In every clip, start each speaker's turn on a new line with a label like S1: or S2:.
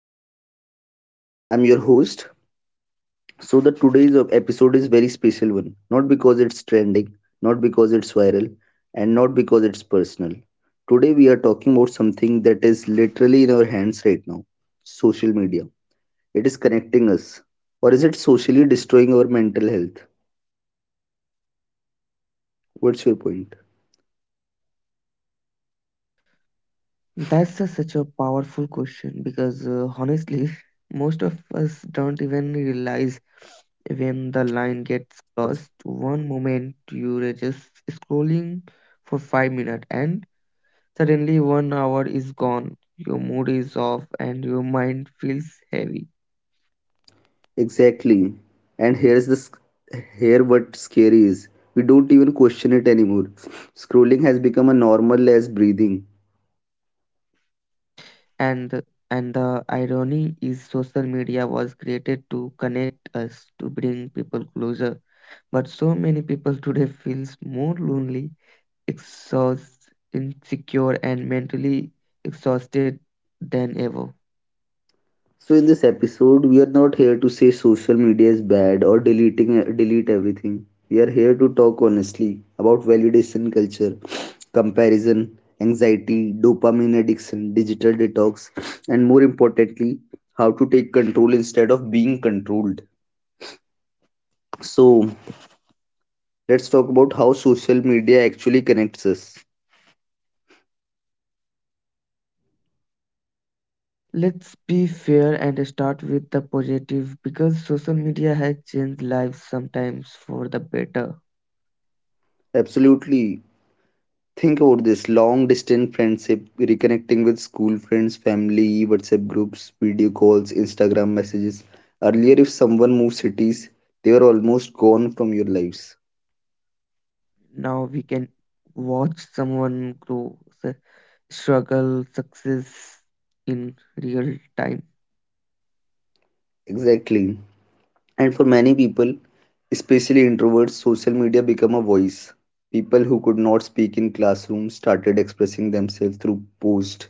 S1: health. I'm your host. So the today's episode is very special one. Not because it's trending, not because it's viral, and not because it's personal. Today we are talking about something that is literally in our hands right now. Social media. It is connecting us. Or is it socially destroying our mental health? What's your point?
S2: That's such a powerful question because honestly, most of us don't even realize when the line gets crossed. One moment you are just scrolling for 5 minutes, and suddenly one hour is gone. Your mood is off, and your mind feels heavy.
S1: Exactly. And here what scary is. We don't even question it anymore. Scrolling has become a normal as breathing.
S2: And and the irony is, social media was created to connect us, to bring people closer. But so many people today feels more lonely exhaust, insecure, and mentally exhausted than ever.
S1: So in this episode, we are not here to say social media is bad or deleting delete everything. We are here to talk honestly about validation culture, comparison, anxiety, dopamine addiction, digital detox, and more importantly, how to take control instead of being controlled. So let's talk about how social media actually connects us.
S2: Let's be fair and start with the positive because social media has changed lives sometimes for the better.
S1: Absolutely. Think about this long distance friendship, reconnecting with school friends, family, WhatsApp groups, video calls, Instagram messages. Earlier, if someone moved cities, they were almost gone from your lives.
S2: Now we can watch someone grow, su- struggle, success in real time.
S1: Exactly. And for many people, especially introverts, social media became a voice. People who could not speak in classrooms started expressing themselves through posts,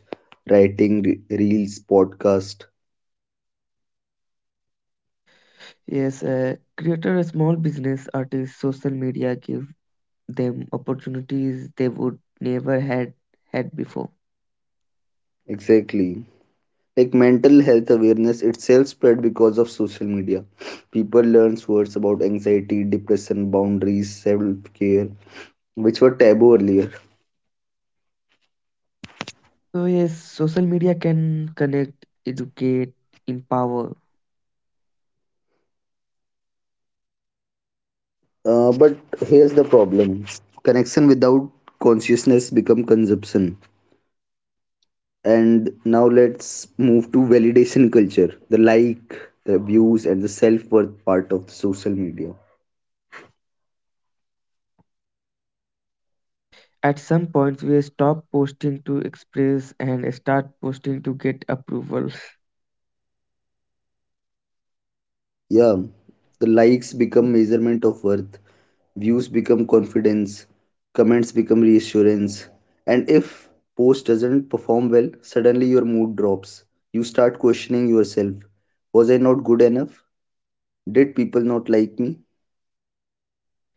S1: writing, reels, podcasts.
S2: Yes, a creator, a small business artist, social media give them opportunities they would never had before.
S1: Exactly. Like mental health awareness itself spread because of social media. People learns words about anxiety, depression, boundaries, self-care, which were taboo earlier.
S2: So yes, social media can connect, educate, empower.
S1: But here's the problem. Connection without consciousness become consumption. And now let's move to validation culture, the like, the views and the self-worth part of social media.
S2: At some point, we stop posting to express and start posting to get approval.
S1: Yeah, the likes become measurement of worth. Views become confidence, comments become reassurance. And if post doesn't perform well, suddenly your mood drops. You start questioning yourself. Was I not good enough? Did people not like me?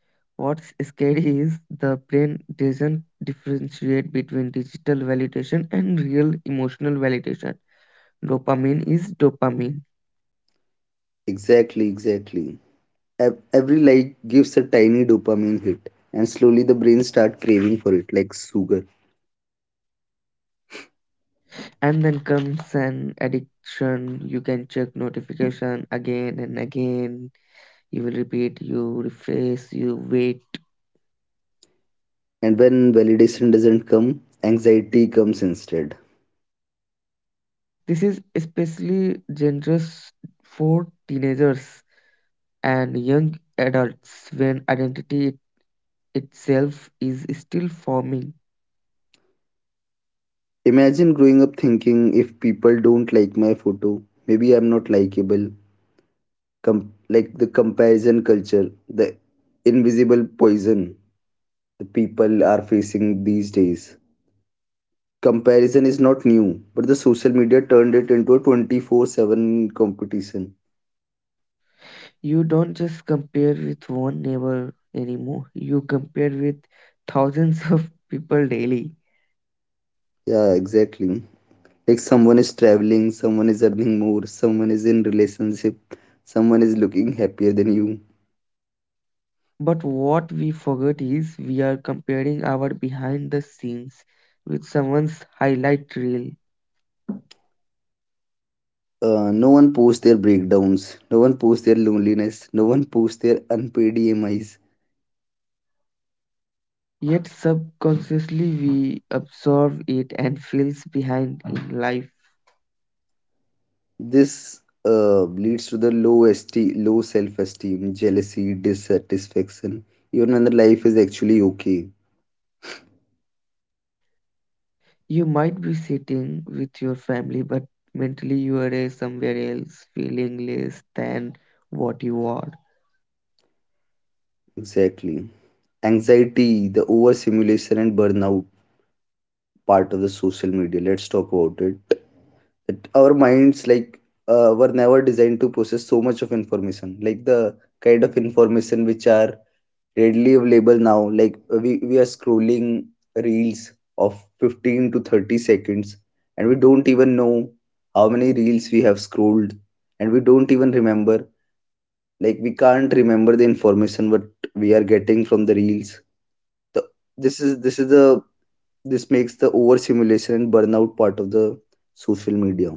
S2: What's scary is the brain doesn't differentiate between digital validation and real emotional validation. Dopamine is dopamine.
S1: Exactly, exactly. Every like gives a tiny dopamine hit, and slowly the brain starts craving for it like sugar.
S2: And then comes an addiction. You can check notification again and again. You will repeat, you refresh, you wait.
S1: And when validation doesn't come, anxiety comes instead.
S2: This is especially dangerous for teenagers and young adults when identity itself is still forming.
S1: Imagine growing up thinking if people don't like my photo, maybe I'm not likable. com- like the comparison culture, the invisible poison the people are facing these days. Comparison is not new, but the social media turned it into a 24/7 competition.
S2: You don't just compare with one neighbor anymore, you compare with thousands of people daily.
S1: Yeah, exactly. Like someone is traveling, someone is earning more, someone is in relationship, someone is looking happier than you.
S2: But what we forget is we are comparing our behind the scenes with someone's highlight reel.
S1: No one posts their breakdowns, no one posts their loneliness, no one posts their unpaid EMIs.
S2: Yet subconsciously we absorb it and feels behind in life.
S1: This leads to the low self-esteem, jealousy, dissatisfaction, even when the life is actually okay.
S2: You might be sitting with your family, but mentally you are somewhere else, feeling less than what you are.
S1: Exactly. Anxiety, the overstimulation and burnout part of the social media. Let's talk about it. That our minds like were never designed to process so much of information, like the kind of information which are readily available now. Like we are scrolling reels of 15 to 30 seconds, and we don't even know how many reels we have scrolled, and we don't even remember, like we can't remember the information what we are getting from the reels. The, this is the This makes the overstimulation and burnout part of the social media.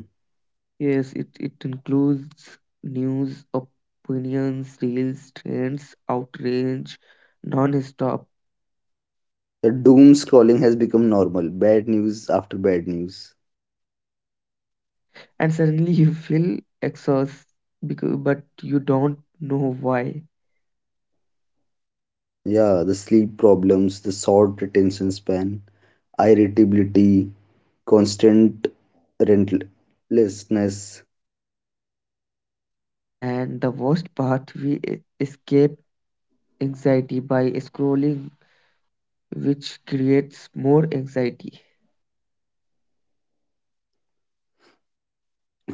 S2: Yes, it includes news, opinions, reels, trends, outrage, non-stop.
S1: The doom scrolling has become normal. Bad news after bad news.
S2: And suddenly you feel exhausted, because, but you don't know why.
S1: Yeah, the sleep problems, the short attention span, irritability, constant rentlessness.
S2: And the worst part, we escape anxiety by scrolling, which creates more anxiety.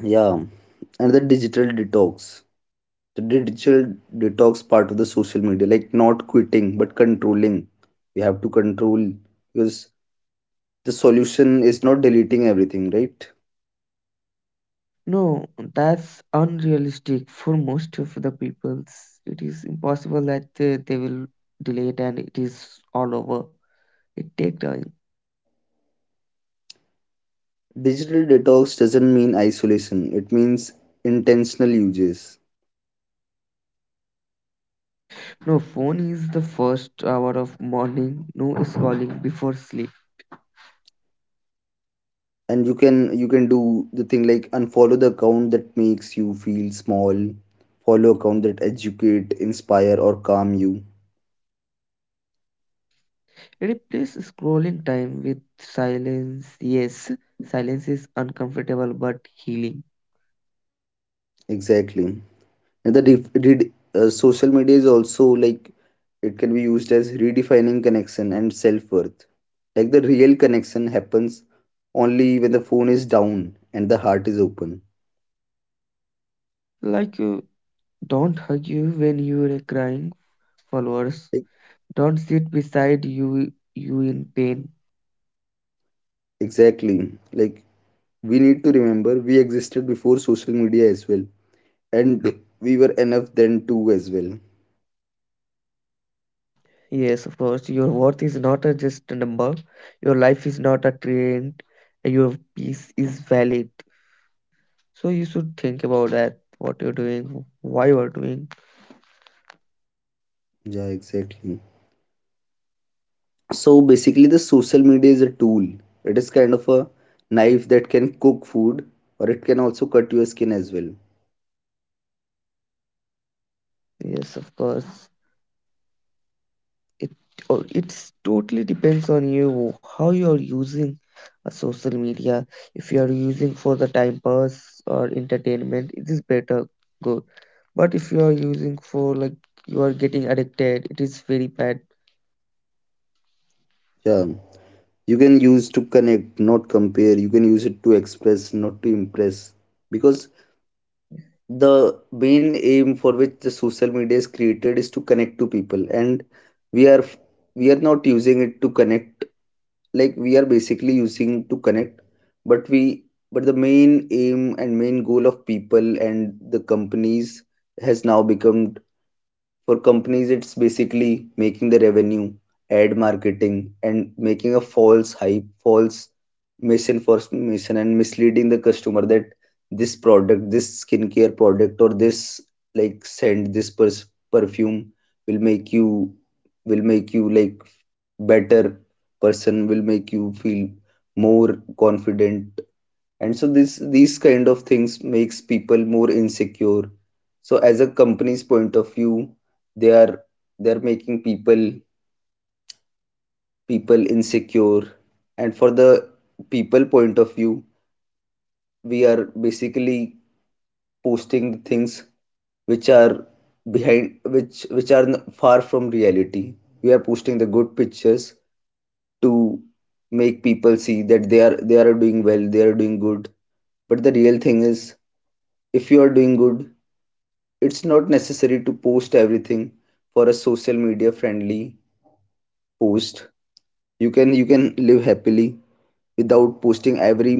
S1: Yeah, and the digital detox. The digital detox part of the social media, like not quitting but controlling. We have to control, because the solution is not deleting everything, right?
S2: No, that's unrealistic for most of the peoples. It is impossible that they will delay it and it is all over. It take time.
S1: Digital detox doesn't mean isolation, it means intentional uses.
S2: No, phone is the first hour of morning. No scrolling before sleep.
S1: And you can do the thing like unfollow the account that makes you feel small, follow account that educate inspire or calm you.
S2: Replace scrolling time with silence. Yes, silence is uncomfortable but healing.
S1: Exactly. And the def- did social media is also like it can be used as redefining connection and self-worth, like the real connection happens only when the phone is down and the heart is open.
S2: Like, don't hug you when you are crying, followers.
S1: E-
S2: Don't sit beside you in pain.
S1: exactly, like we need to remember we existed before social media as well, and we were enough then too as well.
S2: Yes, of course. Your worth is not a just a number. Your life is not a trend. Your peace is valid. So you should think about that. What you're doing, why you are doing.
S1: Yeah, exactly. So basically, the social media is a tool. It is kind of a knife that can cook food, or it can also cut your skin as well.
S2: Yes, of course. It or it's totally depends on you how you are using a social media. If you are using for the time pass or entertainment, it is better good. But if you are using for like you are getting addicted, it is very bad.
S1: Yeah, you can use to connect, not compare. You can use it to express, not to impress. Because the main aim for which the social media is created is to connect to people, and we are we are not using it to connect, like we are basically using to connect, but we but the main aim and main goal of people and the companies has now become, for companies, it's basically making the revenue, ad marketing, and making a false hype, false misinformation, and misleading the customer that this product, this skincare product, or this like scent, this perfume will make you, will make you like better person, will make you feel more confident. And so this these kind of things makes people more insecure. So as a company's point of view, they are they're making people insecure. And for the people point of view, we are basically posting things which are behind, which are far from reality. We are posting the good pictures to make people see that they are doing well, they are doing good. But the real thing is, if you are doing good, it's not necessary to post everything for a social media friendly post. You can live happily without posting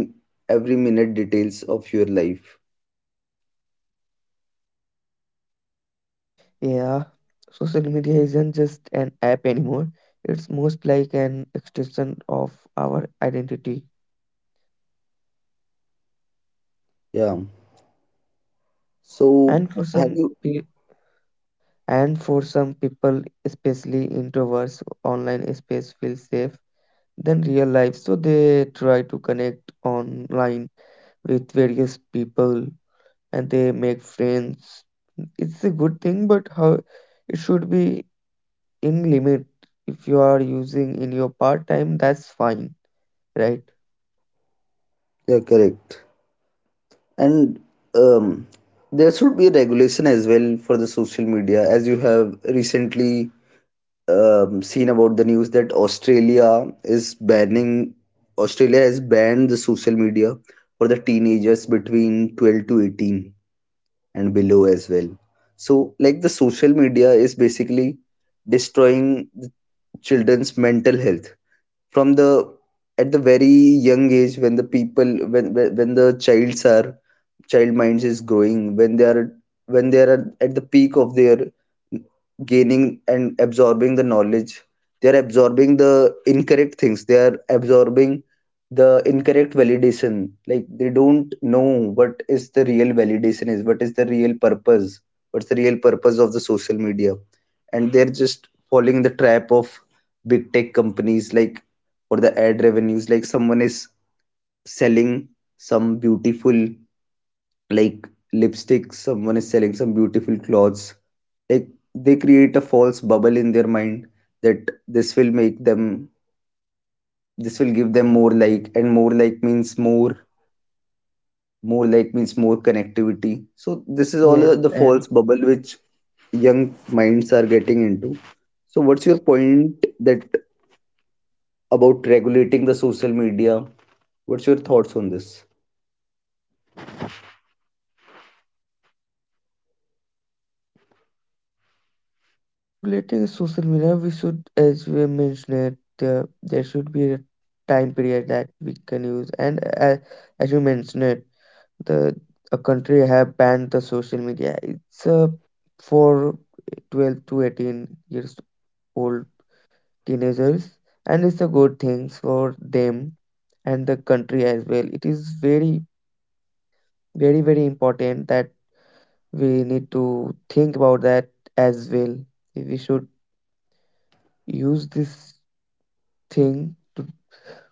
S1: every minute details of your life.
S2: Yeah, social media isn't just an app anymore. It's most like an extension of our identity.
S1: Yeah. So
S2: And for
S1: have
S2: some
S1: you
S2: pe- and for some people, especially introverts, online space feels safe than real life. So they try to connect online with various people and they make friends. It's a good thing, but how it should be in limit. If you are using in your part time, that's fine, right?
S1: yeah, correct. And um there should be a regulation as well for the social media, as you have recently seen about the news that Australia is banning Australia has banned the social media for the teenagers between 12 to 18 and below as well. So like the social media is basically destroying the children's mental health from the, at the very young age, when the people, when the childs are, child minds is growing, when they are, at the peak of their gaining and absorbing the knowledge. They are absorbing the incorrect things, they are absorbing the incorrect validation, like they don't know what is the real validation is, what is the real purpose, what's the real purpose of the social media. And they're just following the trap of big tech companies, like for the ad revenues, like someone is selling some beautiful like lipstick, someone is selling some beautiful clothes. Like they create a false bubble in their mind that this will make them, this will give them more like, and more like means more like means more connectivity. So this is all
S2: Yes,
S1: the false
S2: and
S1: bubble which young minds are getting into. So what's your point, that about regulating the social media, what's your thoughts on this?
S2: regulating social media, we should, as we mentioned, there should be a time period that we can use. And as you mentioned, the a country have banned the social media. It's for 12 to 18 years old teenagers, and it's a good thing for them and the country as well. It is very important that we need to think about that as well. We should use this thing to,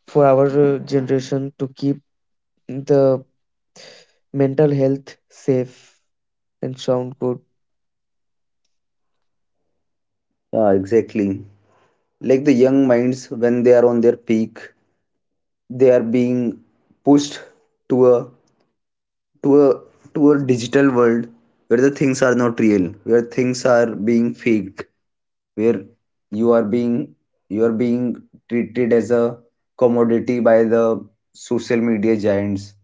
S2: for our generation to keep the mental health safe and sound good.
S1: Yeah, exactly. Like the young minds, when they are on their peak, they are being pushed to a to a to a digital world, where the things are not real, where things are being faked, where you are being you are being treated as a commodity by the social media giants.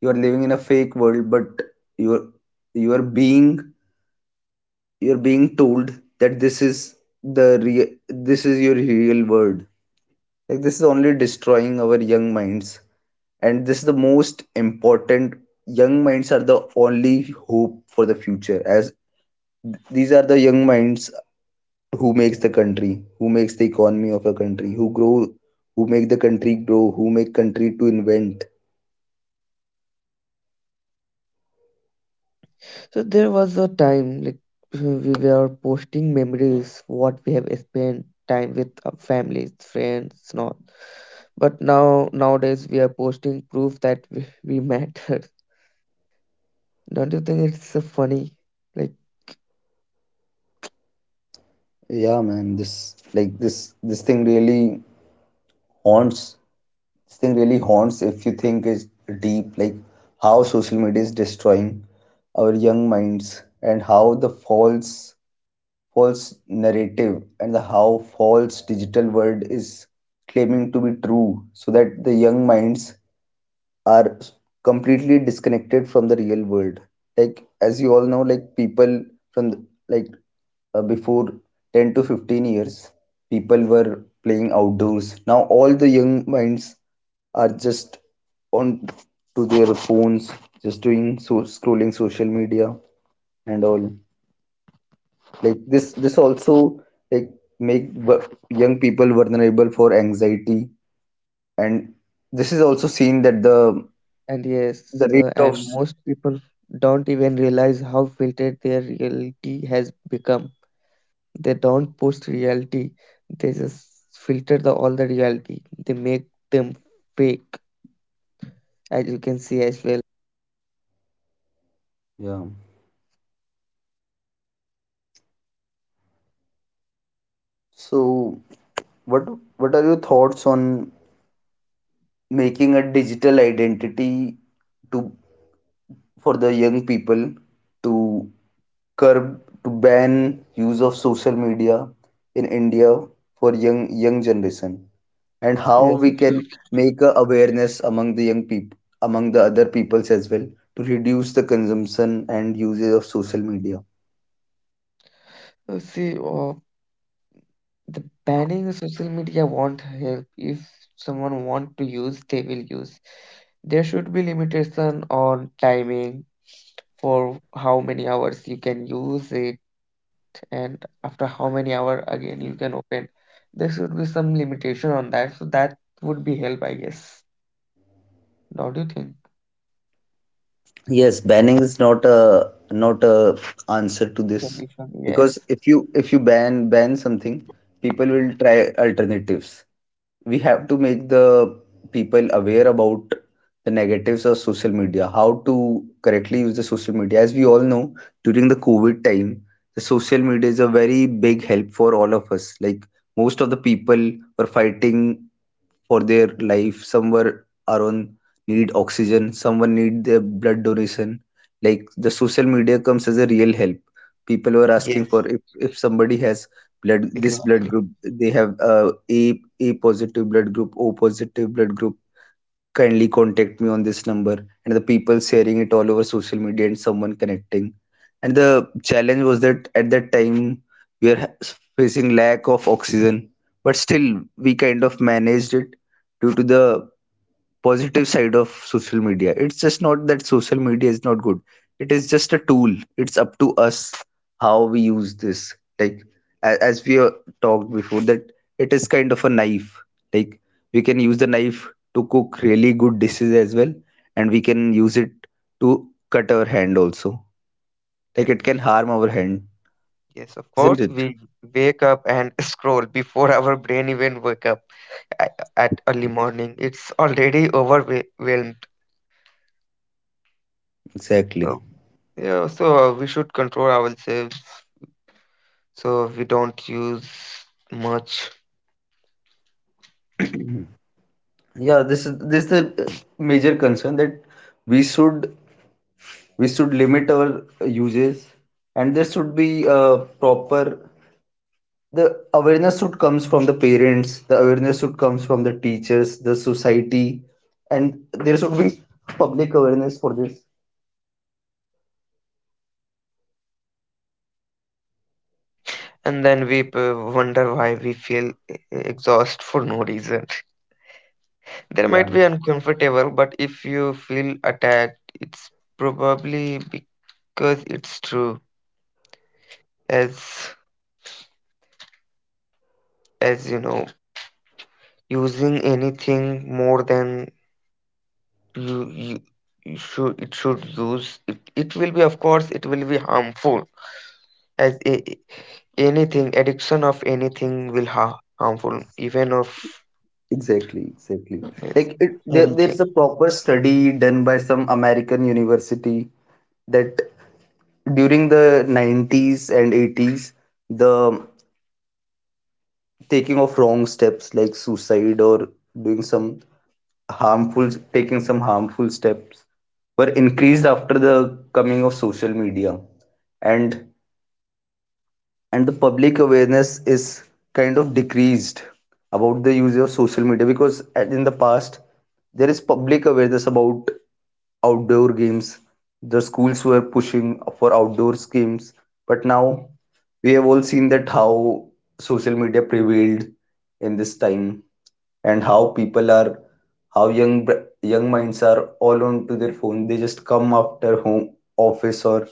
S1: You are living in a fake world, but you are you are being you are being told that this is the real, this is your real world. Like this is only destroying our young minds. And this is the most important, young minds are the only hope for the future, as these are the young minds who makes the country, who makes the economy of a country, who make the country grow, who make country to invent.
S2: So there was a time like we were posting memories, what we have spent time with our families, friends, not. But now nowadays we are posting proof that we matter. Don't you think it's funny? Like
S1: Yeah, man. This like haunts this thing really haunts if you think is deep. Like how social media is destroying our young minds, and how the false narrative, and the how false digital world is claiming to be true, so that the young minds are completely disconnected from the real world. Like as you all know, like people from the, like before 10 to 15 years, people were playing outdoors. Now all the young minds are just on to their phones, just doing so scrolling social media and all. Like this also like make young people vulnerable for anxiety. And this is also seen that the
S2: and yes,
S1: rate of
S2: and most people don't even realize how filtered their reality has become. They don't post reality. They just filter the all the reality. They make them fake, as you can see as well.
S1: yeah. So what what are your thoughts on making a digital identity to, for the young people, to curb, to ban use of social media in India for young generation, and how we can
S2: Yes.
S1: make a awareness among the young people, among the other peoples as well, to reduce the consumption and usage of social media.
S2: See, the banning of social media won't help. If someone want to use, they will use. There should be limitation on timing for how many hours you can use it, and after how many hour again you can open. There should be some limitation on that, so that would be help, I guess. Don't you think?
S1: Yes, banning is not a, answer to this,
S2: Solution.
S1: because
S2: Yes.
S1: if you ban something, people will try alternatives. We have to make the people aware about the negatives of social media, how to correctly use the social media. As we all know, during the COVID time, the social media is a very big help for all of us. Like most of the people were fighting for their life, somewhere are on need oxygen, someone need their blood donation. Like the social media comes as a real help. People were asking
S2: Yes,
S1: for, if somebody has blood, this blood
S2: exactly.
S1: group, they have a positive blood group, o positive blood group. Kindly contact me on this number. And the people sharing it all over social media and someone connecting. And the challenge was that at that time we are facing lack of oxygen, but still we kind of managed it due to the positive side of social media. It's just not that social media is not good. It is just a tool. It's up to us how we use this. Like as we talked before, that it is kind of a knife. Like we can use the knife to cook really good dishes as well, and we can use it to cut our hand also. Like
S2: Yes,
S1: it can harm our hand,
S2: yes, of
S1: isn't
S2: course.
S1: it?
S2: We wake up and scroll before our brain even wake up at early morning. It's already overwhelmed.
S1: Exactly.
S2: So, yeah, so we should control ourselves so we don't use much.
S1: Yeah, this is the major concern that we should we should limit our uses, and there should be a proper, the awareness should comes from the parents, the awareness should comes from the teachers, the society, and there should be public awareness for this.
S2: And then we wonder why we feel exhausted for no reason. There
S1: Yeah,
S2: might be uncomfortable, but if you feel attacked, it's probably because it's true. As as you know using anything more than you, you, you should it should use it, it will be of course it will be harmful as a, anything addiction of anything will harmful even of
S1: exactly, exactly.
S2: yes,
S1: Like it, there,
S2: anything
S1: there's a proper study done by some American university that during the 90s and 80s the taking of wrong steps like suicide or doing some harmful, taking some harmful steps were increased after the coming of social media. and and the public awareness is kind of decreased about the use of social media because in the past there is public awareness about outdoor games. The schools were pushing for outdoor games, but now we have all seen that how social media prevailed in this time and how people are, how young minds are all onto their phone. They just come after home, office or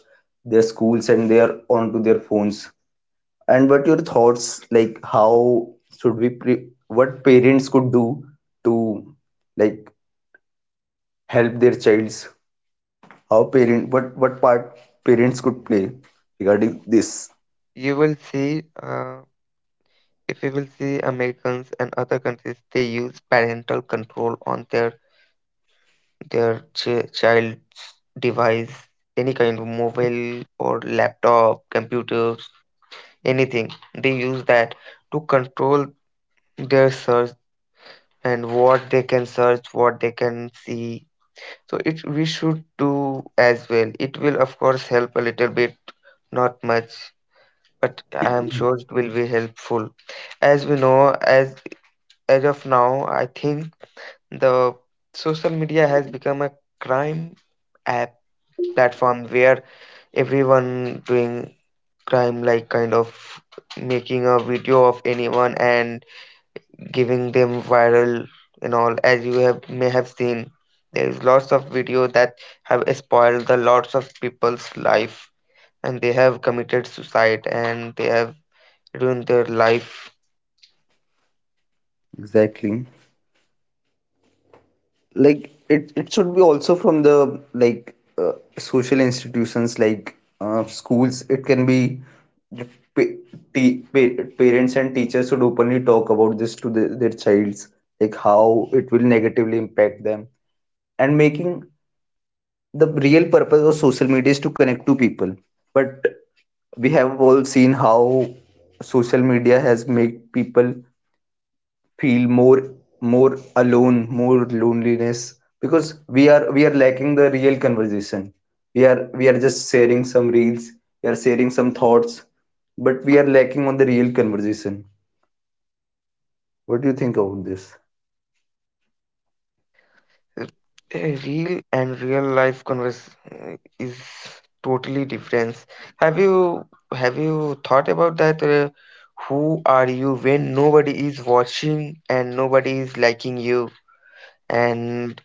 S1: their schools, and they are onto their phones. And what your thoughts, like how what parents could do to, like, help their childs. How parent, what part parents could play regarding this.
S2: you will see if you will see Americans and other countries they use parental control on their child's device any kind of mobile or laptop computers anything. They use that to control their search and what they can search, what they can see. So it we should do as well. It will of course help a little bit, not much, but I am sure it will be helpful. As we know, as of now, I think the social media has become a crime app platform where everyone doing crime like kind of making a video of anyone and giving them viral and all as you have may have seen there is lots of video that have spoiled the lots of people's life and they have committed suicide and they have ruined their life.
S1: Exactly. Like it should be also from the, like, social institutions like schools. It can be the parents and teachers should openly talk about this to the, their childs, like how it will negatively impact them. And making, the real purpose of social media is to connect to people, but we have all seen how social media has made people feel more, more alone, more loneliness, because we are lacking the real conversation. We are just sharing some reels, we are sharing some thoughts, but we are lacking on the real conversation. What do you think about this?
S2: Uh, Real and real life converse uh, is totally different. have you have you thought about that who are you when nobody is watching and nobody is liking you and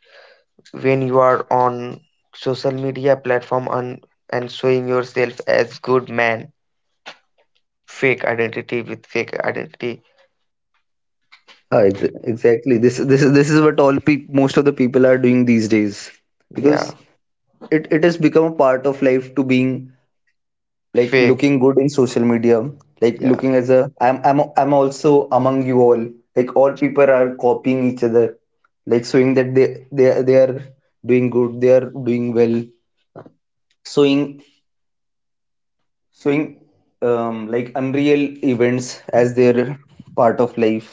S2: when you are on social media platform and showing yourself as good man fake identity with fake identity.
S1: Ah, exactly. This is what all peop most of the people are doing these days.
S2: yeah
S1: Because it has become a part of life to being, like,
S2: Fake.
S1: looking good in social media. Like
S2: yeah
S1: looking as a, I'm also among you all. Like all people are copying each other, like showing that they are doing good, they are doing well. Showing, showing, like unreal events as their part of life.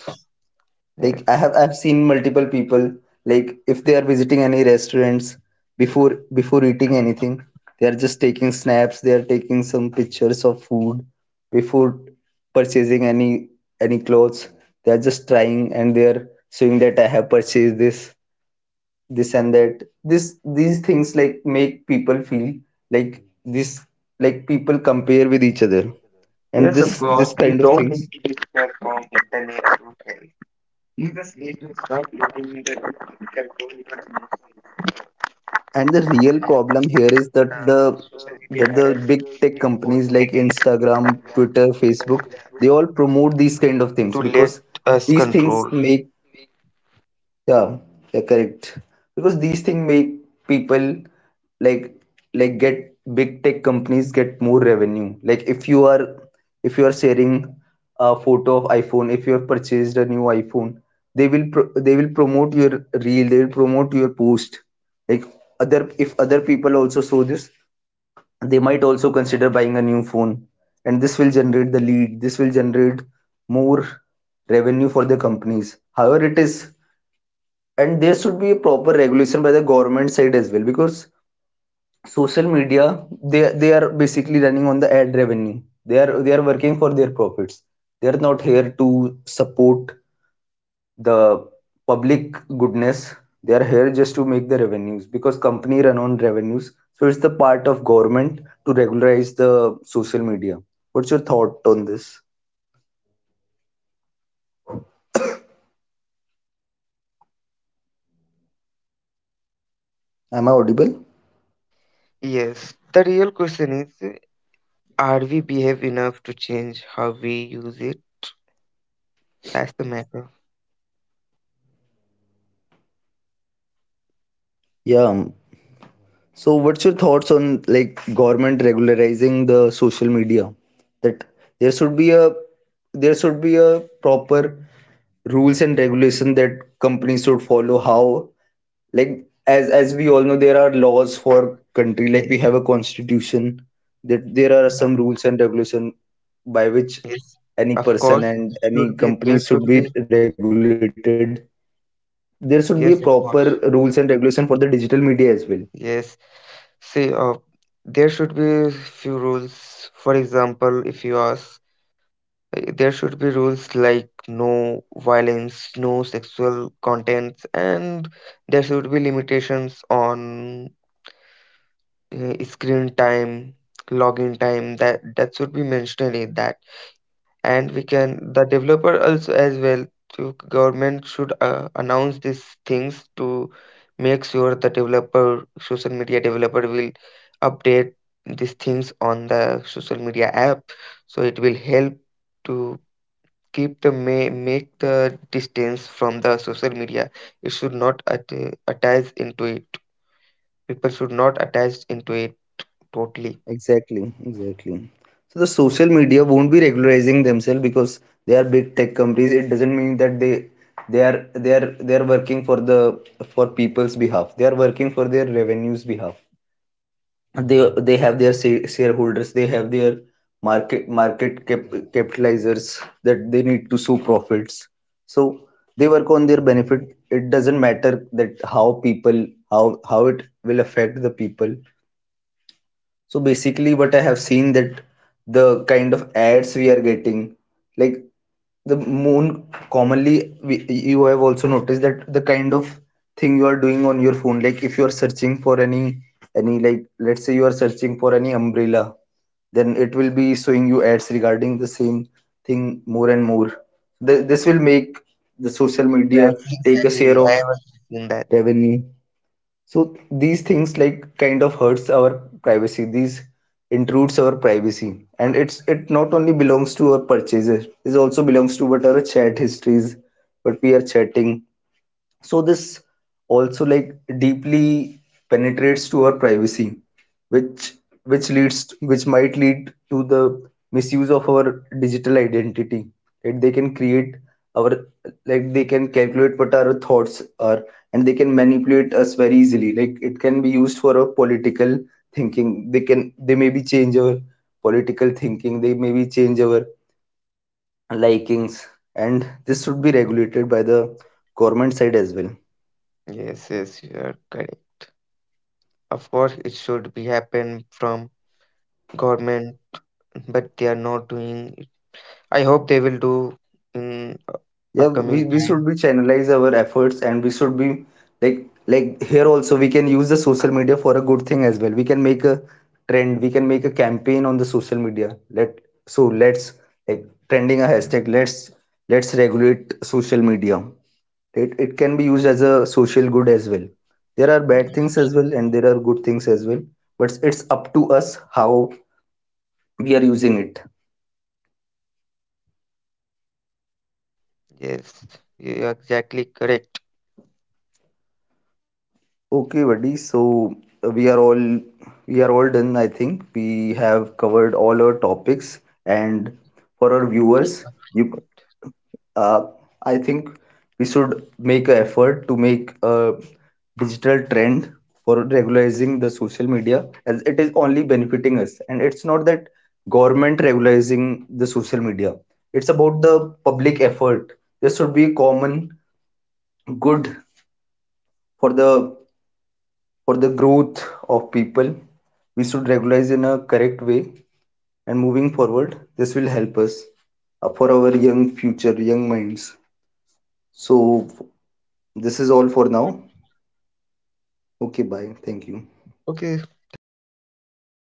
S1: Like
S2: yeah.
S1: I've seen multiple people, like if they are visiting any restaurants, before eating anything, they are just taking snaps, they are taking some pictures of food. Before purchasing any clothes, they are just trying and they are showing that I have purchased this, this and that. This These things, like, make people feel like this, like people compare with each other. And
S2: Yes of
S1: this
S2: course
S1: this
S2: you
S1: kind of
S2: don't need
S1: things.
S2: to be scared internet to help you just need to stop letting the internet control your emotions
S1: And the real
S2: and
S1: problem here is that the,
S2: social media
S1: that the
S2: has
S1: big tech
S2: been for
S1: companies like
S2: secondary
S1: Instagram, Twitter, Facebook, they all promote these kind of things
S2: to let
S1: because
S2: us
S1: these things
S2: control.
S1: make, yeah, yeah, correct. Because these things make people, like like, get, big tech companies get more revenue. Like if you are, if you are sharing a photo of iPhone, if you have purchased a new iPhone, they will they will promote your reel, they will promote your post. Like, other, if other people also saw this, they might also consider buying a new phone, and this will generate the lead. This will generate more revenue for the companies. However, it is, and there should be a proper regulation by the government side as well, because social media, they are basically running on the ad revenue. They are working for their profits. They are not here to support the public goodness. They are here just to make the revenues because company run on revenues. So it's the part of government to regularize the social media. What's your thought on this? Am I audible?
S2: Yes, the real question is, are we behave enough to change how we use it? That's the matter.
S1: Yeah. So what's your thoughts on, like, government regularizing the social media? That there should be a, there should be a proper rules and regulation that companies should follow. How, like, as we all know, there are laws for country. Like we
S2: Yes.
S1: have a constitution. That there are
S2: Yeah.
S1: some rules and regulation by which
S2: Yes.
S1: any
S2: Of
S1: person
S2: course, it
S1: and any
S2: should be. There
S1: company should
S2: should
S1: be
S2: be.
S1: regulated. There should be a proper
S2: Yes, of
S1: rules and
S2: course.
S1: regulation for the digital media as well.
S2: Yes. See, there should be few rules. For example, if you ask, there should be rules like no violence, no sexual contents, and there should be limitations on screen time, login time. That should be mentioned in that. And we can the developer also as well to government should announce these things to make sure the developer social media developer will update these things on the social media app so it will help to keep the may make the distance from the social media it should not at, attach into it people should not attach into it totally.
S1: Exactly, exactly. So the social media won't be regularizing themselves because they are big tech companies. It doesn't mean that they, they are working for the, for people's behalf. They are working for their revenues behalf. They they have their shareholders. They have their market cap, capitalizers that they need to show profits. So they work on their benefit. It doesn't matter that how people, how it will affect the people. So basically, what I have seen that the kind of ads we are getting, like the moon, commonly, we, you have also noticed that the kind of thing you are doing on your phone, like if you are searching for any, like, let's say you are searching for any umbrella, then it will be showing you ads regarding the same thing more and more. This will make the social media
S2: Yes
S1: take a
S2: exactly
S1: share
S2: I
S1: of
S2: was in that.
S1: revenue. So these things, like, kind of hurts our privacy. These intrudes our privacy, and it's, it not only belongs to our purchases, it also belongs to what our chat histories, what we are chatting. So this also, like, deeply penetrates to our privacy, which which leads to, which might lead to the misuse of our digital identity. Right, they can create our, like, they can calculate what our thoughts are, and they can manipulate us very easily. Like it can be used for our political thinking, they can, they maybe change our political thinking, they maybe change our likings. And this should be regulated by the government side as well.
S2: Yes yes you are correct. Of course, it should be happen from government, but they are not doing it. I hope they will do in
S1: Yeah, we,
S2: upcoming
S1: we should
S2: time.
S1: be channelize our efforts, and we should be, like here also we can use the social media for a good thing as well. We can make a trend, we can make a campaign on the social media. Let, so let's, like, trending a hashtag, let's regulate social media. It can be used as a social good as well. There are bad things as well, and there are good things as well, but it's up to us how we are using it.
S2: Yes, you are exactly correct.
S1: Okay, buddy. So we are all, we are all done. I think we have covered all our topics, and for our viewers, you, uh, I think we should make an effort to make a digital trend for regularizing the social media, as it is only benefiting us. And it's not that government regularizing the social media. It's about the public effort. There should be a common good for the, for the growth of people. We should regularize in a correct way, and moving forward this will help us, for our young future, young minds. So this is all for now. Okay, bye, thank you.
S2: Okay, thank you. Have a good day.